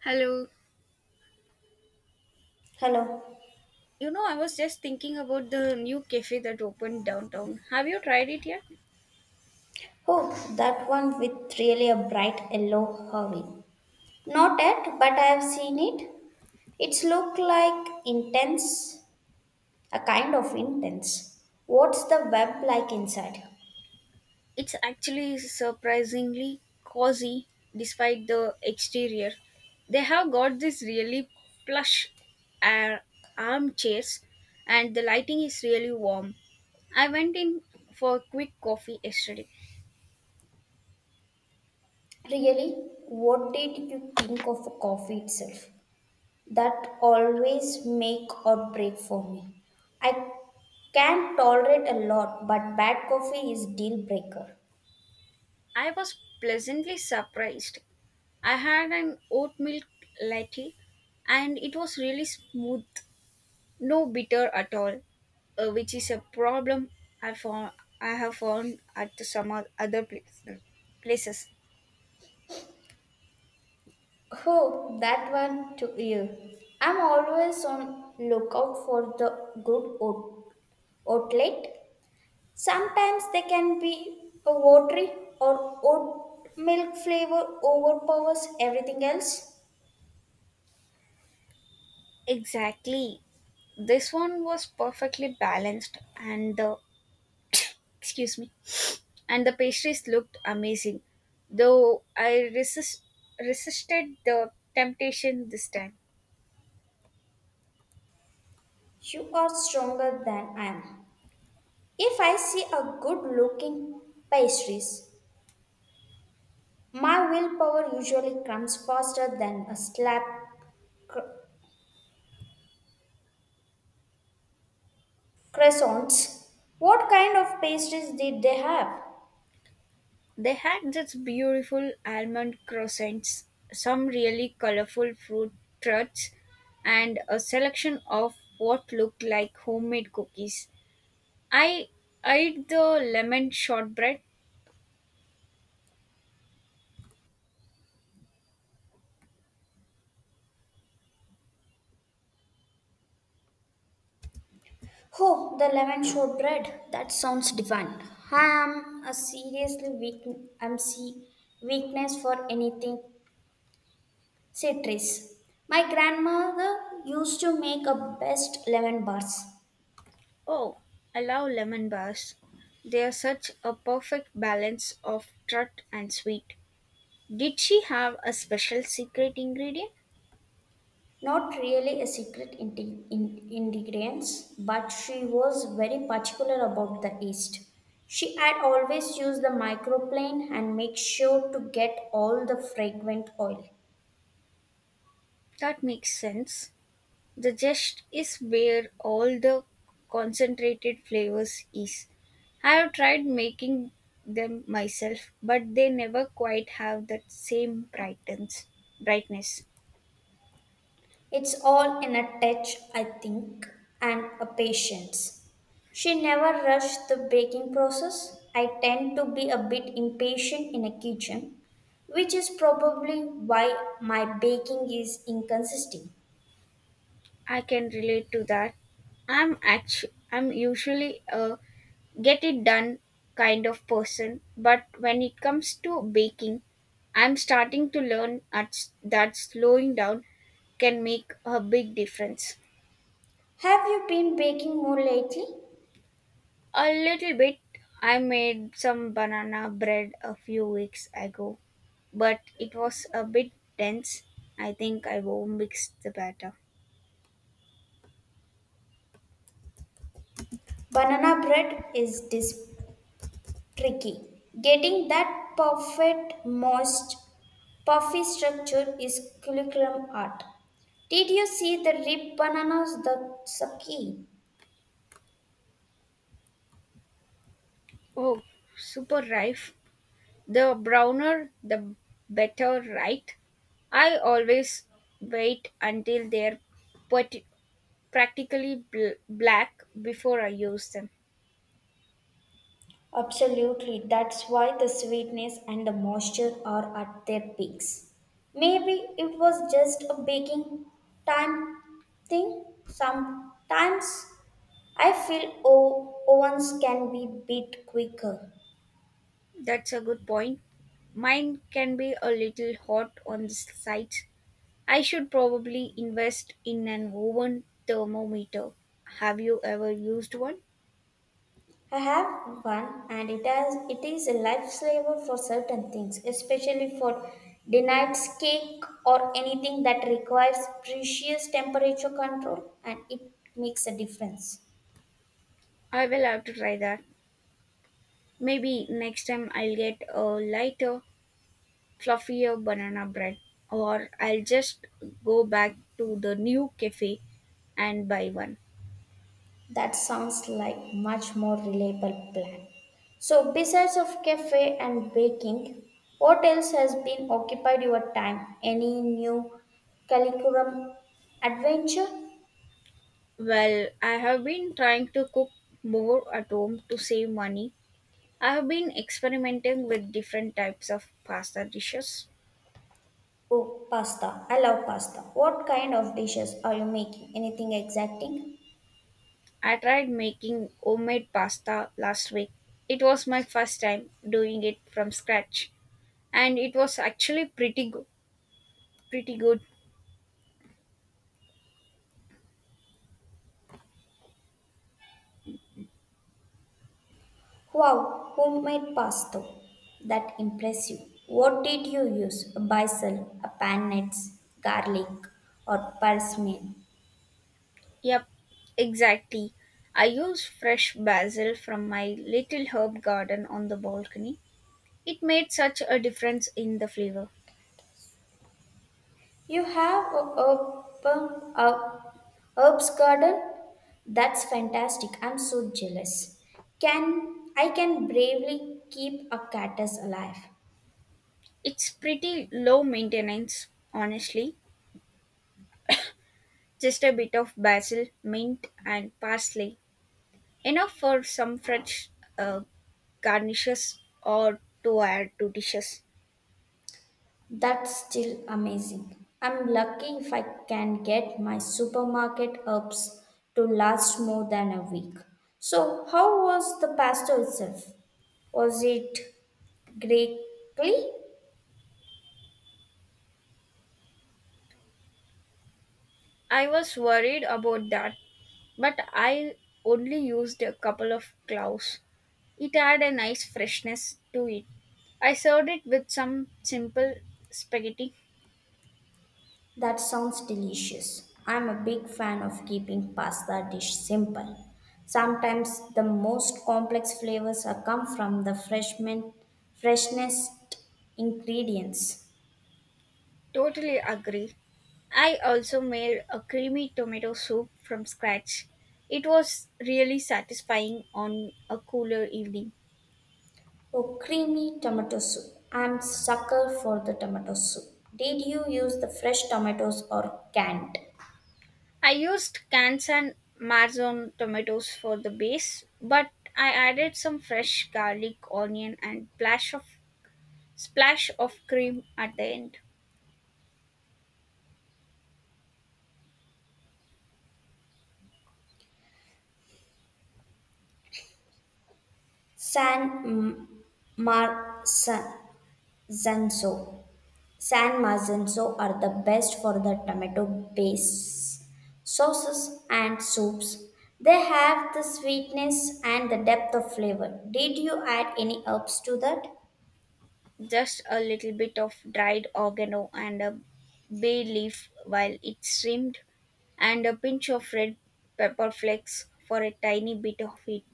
Hello. Hello. I was just thinking about the new cafe that opened downtown. Have you tried it yet? Oh, that one with really a bright yellow hurry. Not yet, but I have seen it. It's look like intense, a kind of intense. What's the web like inside? It's actually surprisingly cozy despite the exterior. They have got this really plush ar- armchairs and the lighting is really warm. I went in for a quick coffee yesterday. Really, what did you think of coffee itself? That always make or break for me. I can tolerate a lot, but bad coffee is deal breaker. I was pleasantly surprised. I had an oat milk latte and it was really smooth. No bitter at all, which is a problem I found I have found at some other places. Oh, that one took you. I'm always on lookout for the outlet. Sometimes they can be a watery or oat milk flavor overpowers everything else. Exactly, this one was perfectly balanced, and the excuse me, and the pastries looked amazing, though resisted the temptation this time. You are stronger than I am. If I see a good looking pastries, my willpower usually comes faster than a cr- croissants. What kind of pastries did they have? They had such beautiful almond croissants, some really colorful fruit tarts, and a selection of what looked like homemade cookies. I eyed the lemon shortbread. Oh, the lemon shortbread. That sounds divine. I am a seriously weak I'm see weakness for anything citrus. My grandmother used to make a best lemon bars. Oh, I love lemon bars. They are such a perfect balance of tart and sweet. Did she have a special secret ingredient? Not really a secret ingredients, but she was very particular about the yeast. She had always used the microplane and make sure to get all the fragrant oil. That makes sense. The zest is where all the concentrated flavors is. I have tried making them myself, but they never quite have that same brightens brightness. It's all in a touch, I think, and a patience. She never rushed the baking process. I tend to be a bit impatient in a kitchen, which is probably why my baking is inconsistent. I can relate to that. I'm usually a get it done kind of person, but when it comes to baking, I'm starting to learn at that slowing down can make a big difference. Have you been baking more lately? A little bit. I made some banana bread a few weeks ago, but it was a bit dense. I think I will mix the batter. Banana bread is this tricky. Getting that perfect, moist, puffy structure is curriculum art. Did you see the ripe bananas? That's a key. Oh, super rife. The browner, the better, right? I always wait until they're pat- practically black before I use them. Absolutely, that's why the sweetness and the moisture are at their peaks. Maybe it was just a baking time thing. Sometimes I feel ovens can be bit quicker. That's a good point. Mine can be a little hot on the sides. I should probably invest in an oven thermometer. Have you ever used one? I have one and it is a lifesaver for certain things, especially for denied cake or anything that requires precious temperature control and it makes a difference. I will have to try that. Maybe next time I'll get a lighter, fluffier banana bread, or I'll just go back to the new cafe and buy one. That sounds like much more reliable plan. So besides of cafe and baking, what else has been occupied your time? Any new curriculum adventure? Well, I have been trying to cook more at home to save money, I have been experimenting with different types of pasta dishes. Oh, pasta. I love pasta. What kind of dishes are you making? Anything exciting? I tried making homemade pasta last week. It was my first time doing it from scratch and it was actually pretty good. Pretty good. Wow, homemade pasta. That impressive. What did you use? Basil, a pan nuts, garlic, or parsley? Yep, exactly. I used fresh basil from my little herb garden on the balcony. It made such a difference in the flavor. You have a herb, herbs garden? That's fantastic. I'm so jealous. Can I can bravely keep a cactus alive. It's pretty low maintenance, honestly. Just a bit of basil, mint, and parsley enough for some fresh uh, garnishes or to add to dishes. That's still amazing. I'm lucky if I can get my supermarket herbs to last more than a week. So, how was the pasta itself? Was it greatly? I was worried about that, but I only used a couple of cloves. It had a nice freshness to it. I served it with some simple spaghetti. That sounds delicious. I'm a big fan of keeping pasta dish simple. Sometimes the most complex flavors are come from the freshnest ingredients. Totally agree. I also made a creamy tomato soup from scratch. It was really satisfying on a cooler evening. Oh, creamy tomato soup. I'm sucker for the tomato soup. Did you use the fresh tomatoes or canned? I used cans and Marzone tomatoes for the base, but I added some fresh garlic, onion, and splash of cream at the end. San mm, Mar San Zanzo. San Marzano are the best for the tomato based sauces and soups. They have the sweetness and the depth of flavor. Did you add any herbs to that? Just a little bit of dried oregano and a bay leaf while it steamed, and a pinch of red pepper flakes for a tiny bit of heat.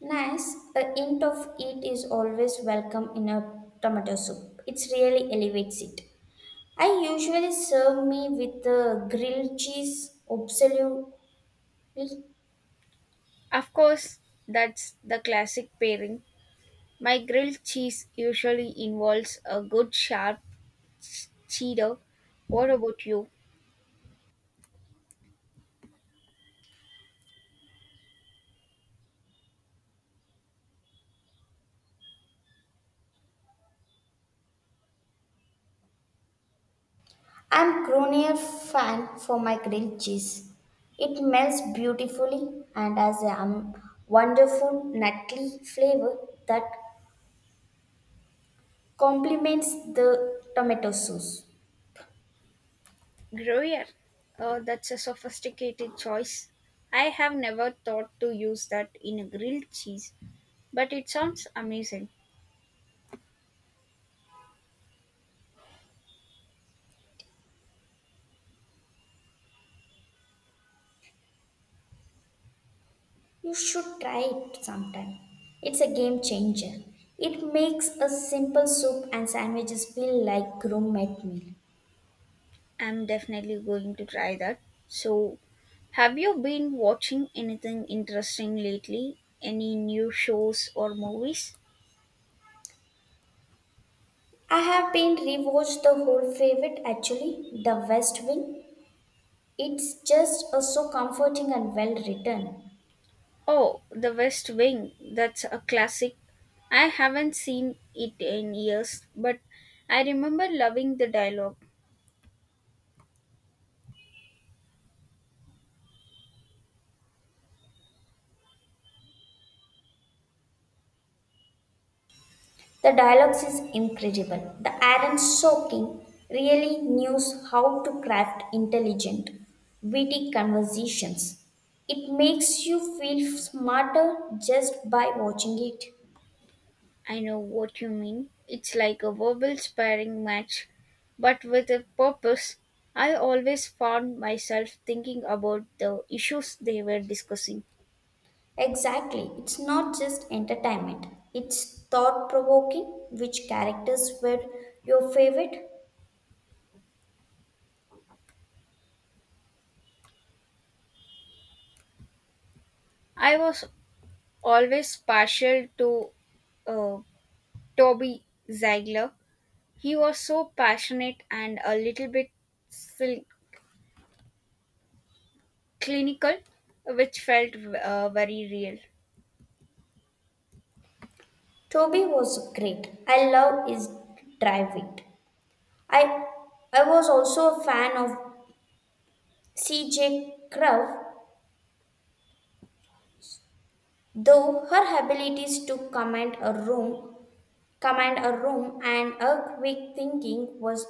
Nice. A hint of it is always welcome in a tomato soup. It really elevates it. I usually serve me with a grilled cheese absolutely. Of course, that's the classic pairing. My grilled cheese usually involves a good sharp Cheeto. What about you? I'm Cronier fan for my grilled cheese. It melts beautifully and has a wonderful nutty flavor that complements the tomato sauce. Gruyere. Oh, that's a sophisticated choice. I have never thought to use that in a grilled cheese, but it sounds amazing. You should try it sometime. It's a game changer. It makes a simple soup and sandwiches feel like gourmet meal. I'm definitely going to try that. So, have you been watching anything interesting lately? Any new shows or movies? I have been rewatched the whole favorite actually, The West Wing. It's just so comforting and well written. Oh, The West Wing. That's a classic. I haven't seen it in years, but I remember loving the dialogue. The dialogues is incredible. The Aaron Sorkin really knows how to craft intelligent, witty conversations. It makes you feel smarter just by watching it. I know what you mean. It's like a verbal sparring match, but with a purpose. I always found myself thinking about the issues they were discussing. Exactly. It's not just entertainment. It's thought provoking. Which characters were your favorite? I was always partial to uh, Toby Ziegler. He was so passionate and a little bit sil- clinical, which felt very real. Toby was great. I love his drive it. I I was also a fan of CJ Crowe. Though her abilities to command a room and her quick thinking was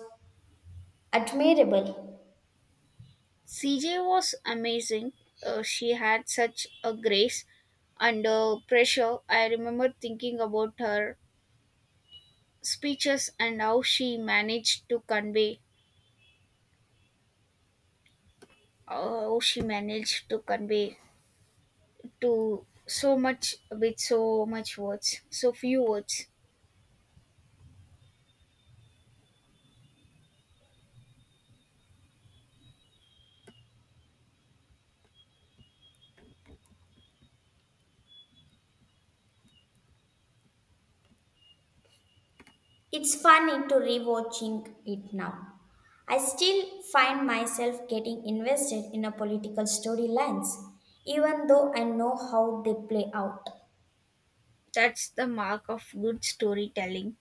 admirable. CJ was amazing. She had such a grace under pressure. I remember thinking about her speeches and how she managed to convey to so much with so few words. It's funny to rewatching it now. I still find myself getting invested in a political storylines, even though I know how they play out. That's the mark of good storytelling.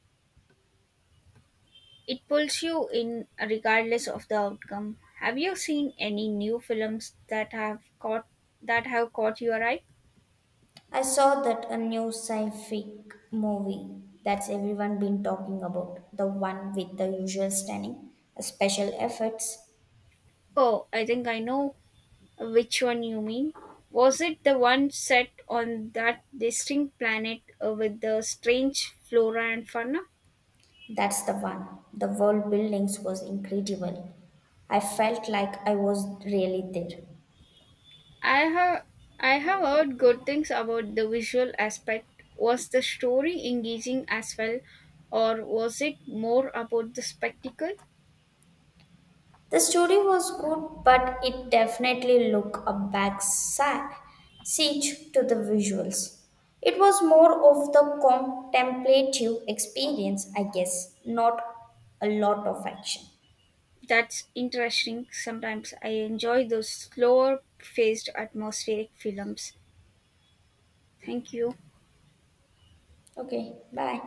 It pulls you in regardless of the outcome. Have you seen any new films that have caught your eye? I saw that a new sci-fi movie that's everyone been talking about, the one with the usual stunning special effects. Oh, I think I know which one you mean. Was it the one set on that distinct planet with the strange flora and fauna? That's the one. The world buildings was incredible. I felt like I was really there. I have I have heard good things about the visual aspect. Was the story engaging as well, or was it more about the spectacle? The story was good, but it definitely looked a siege to the visuals. It was more of the contemplative experience, I guess, not a lot of action. That's interesting. Sometimes I enjoy those slower paced atmospheric films. Thank you. Okay, bye.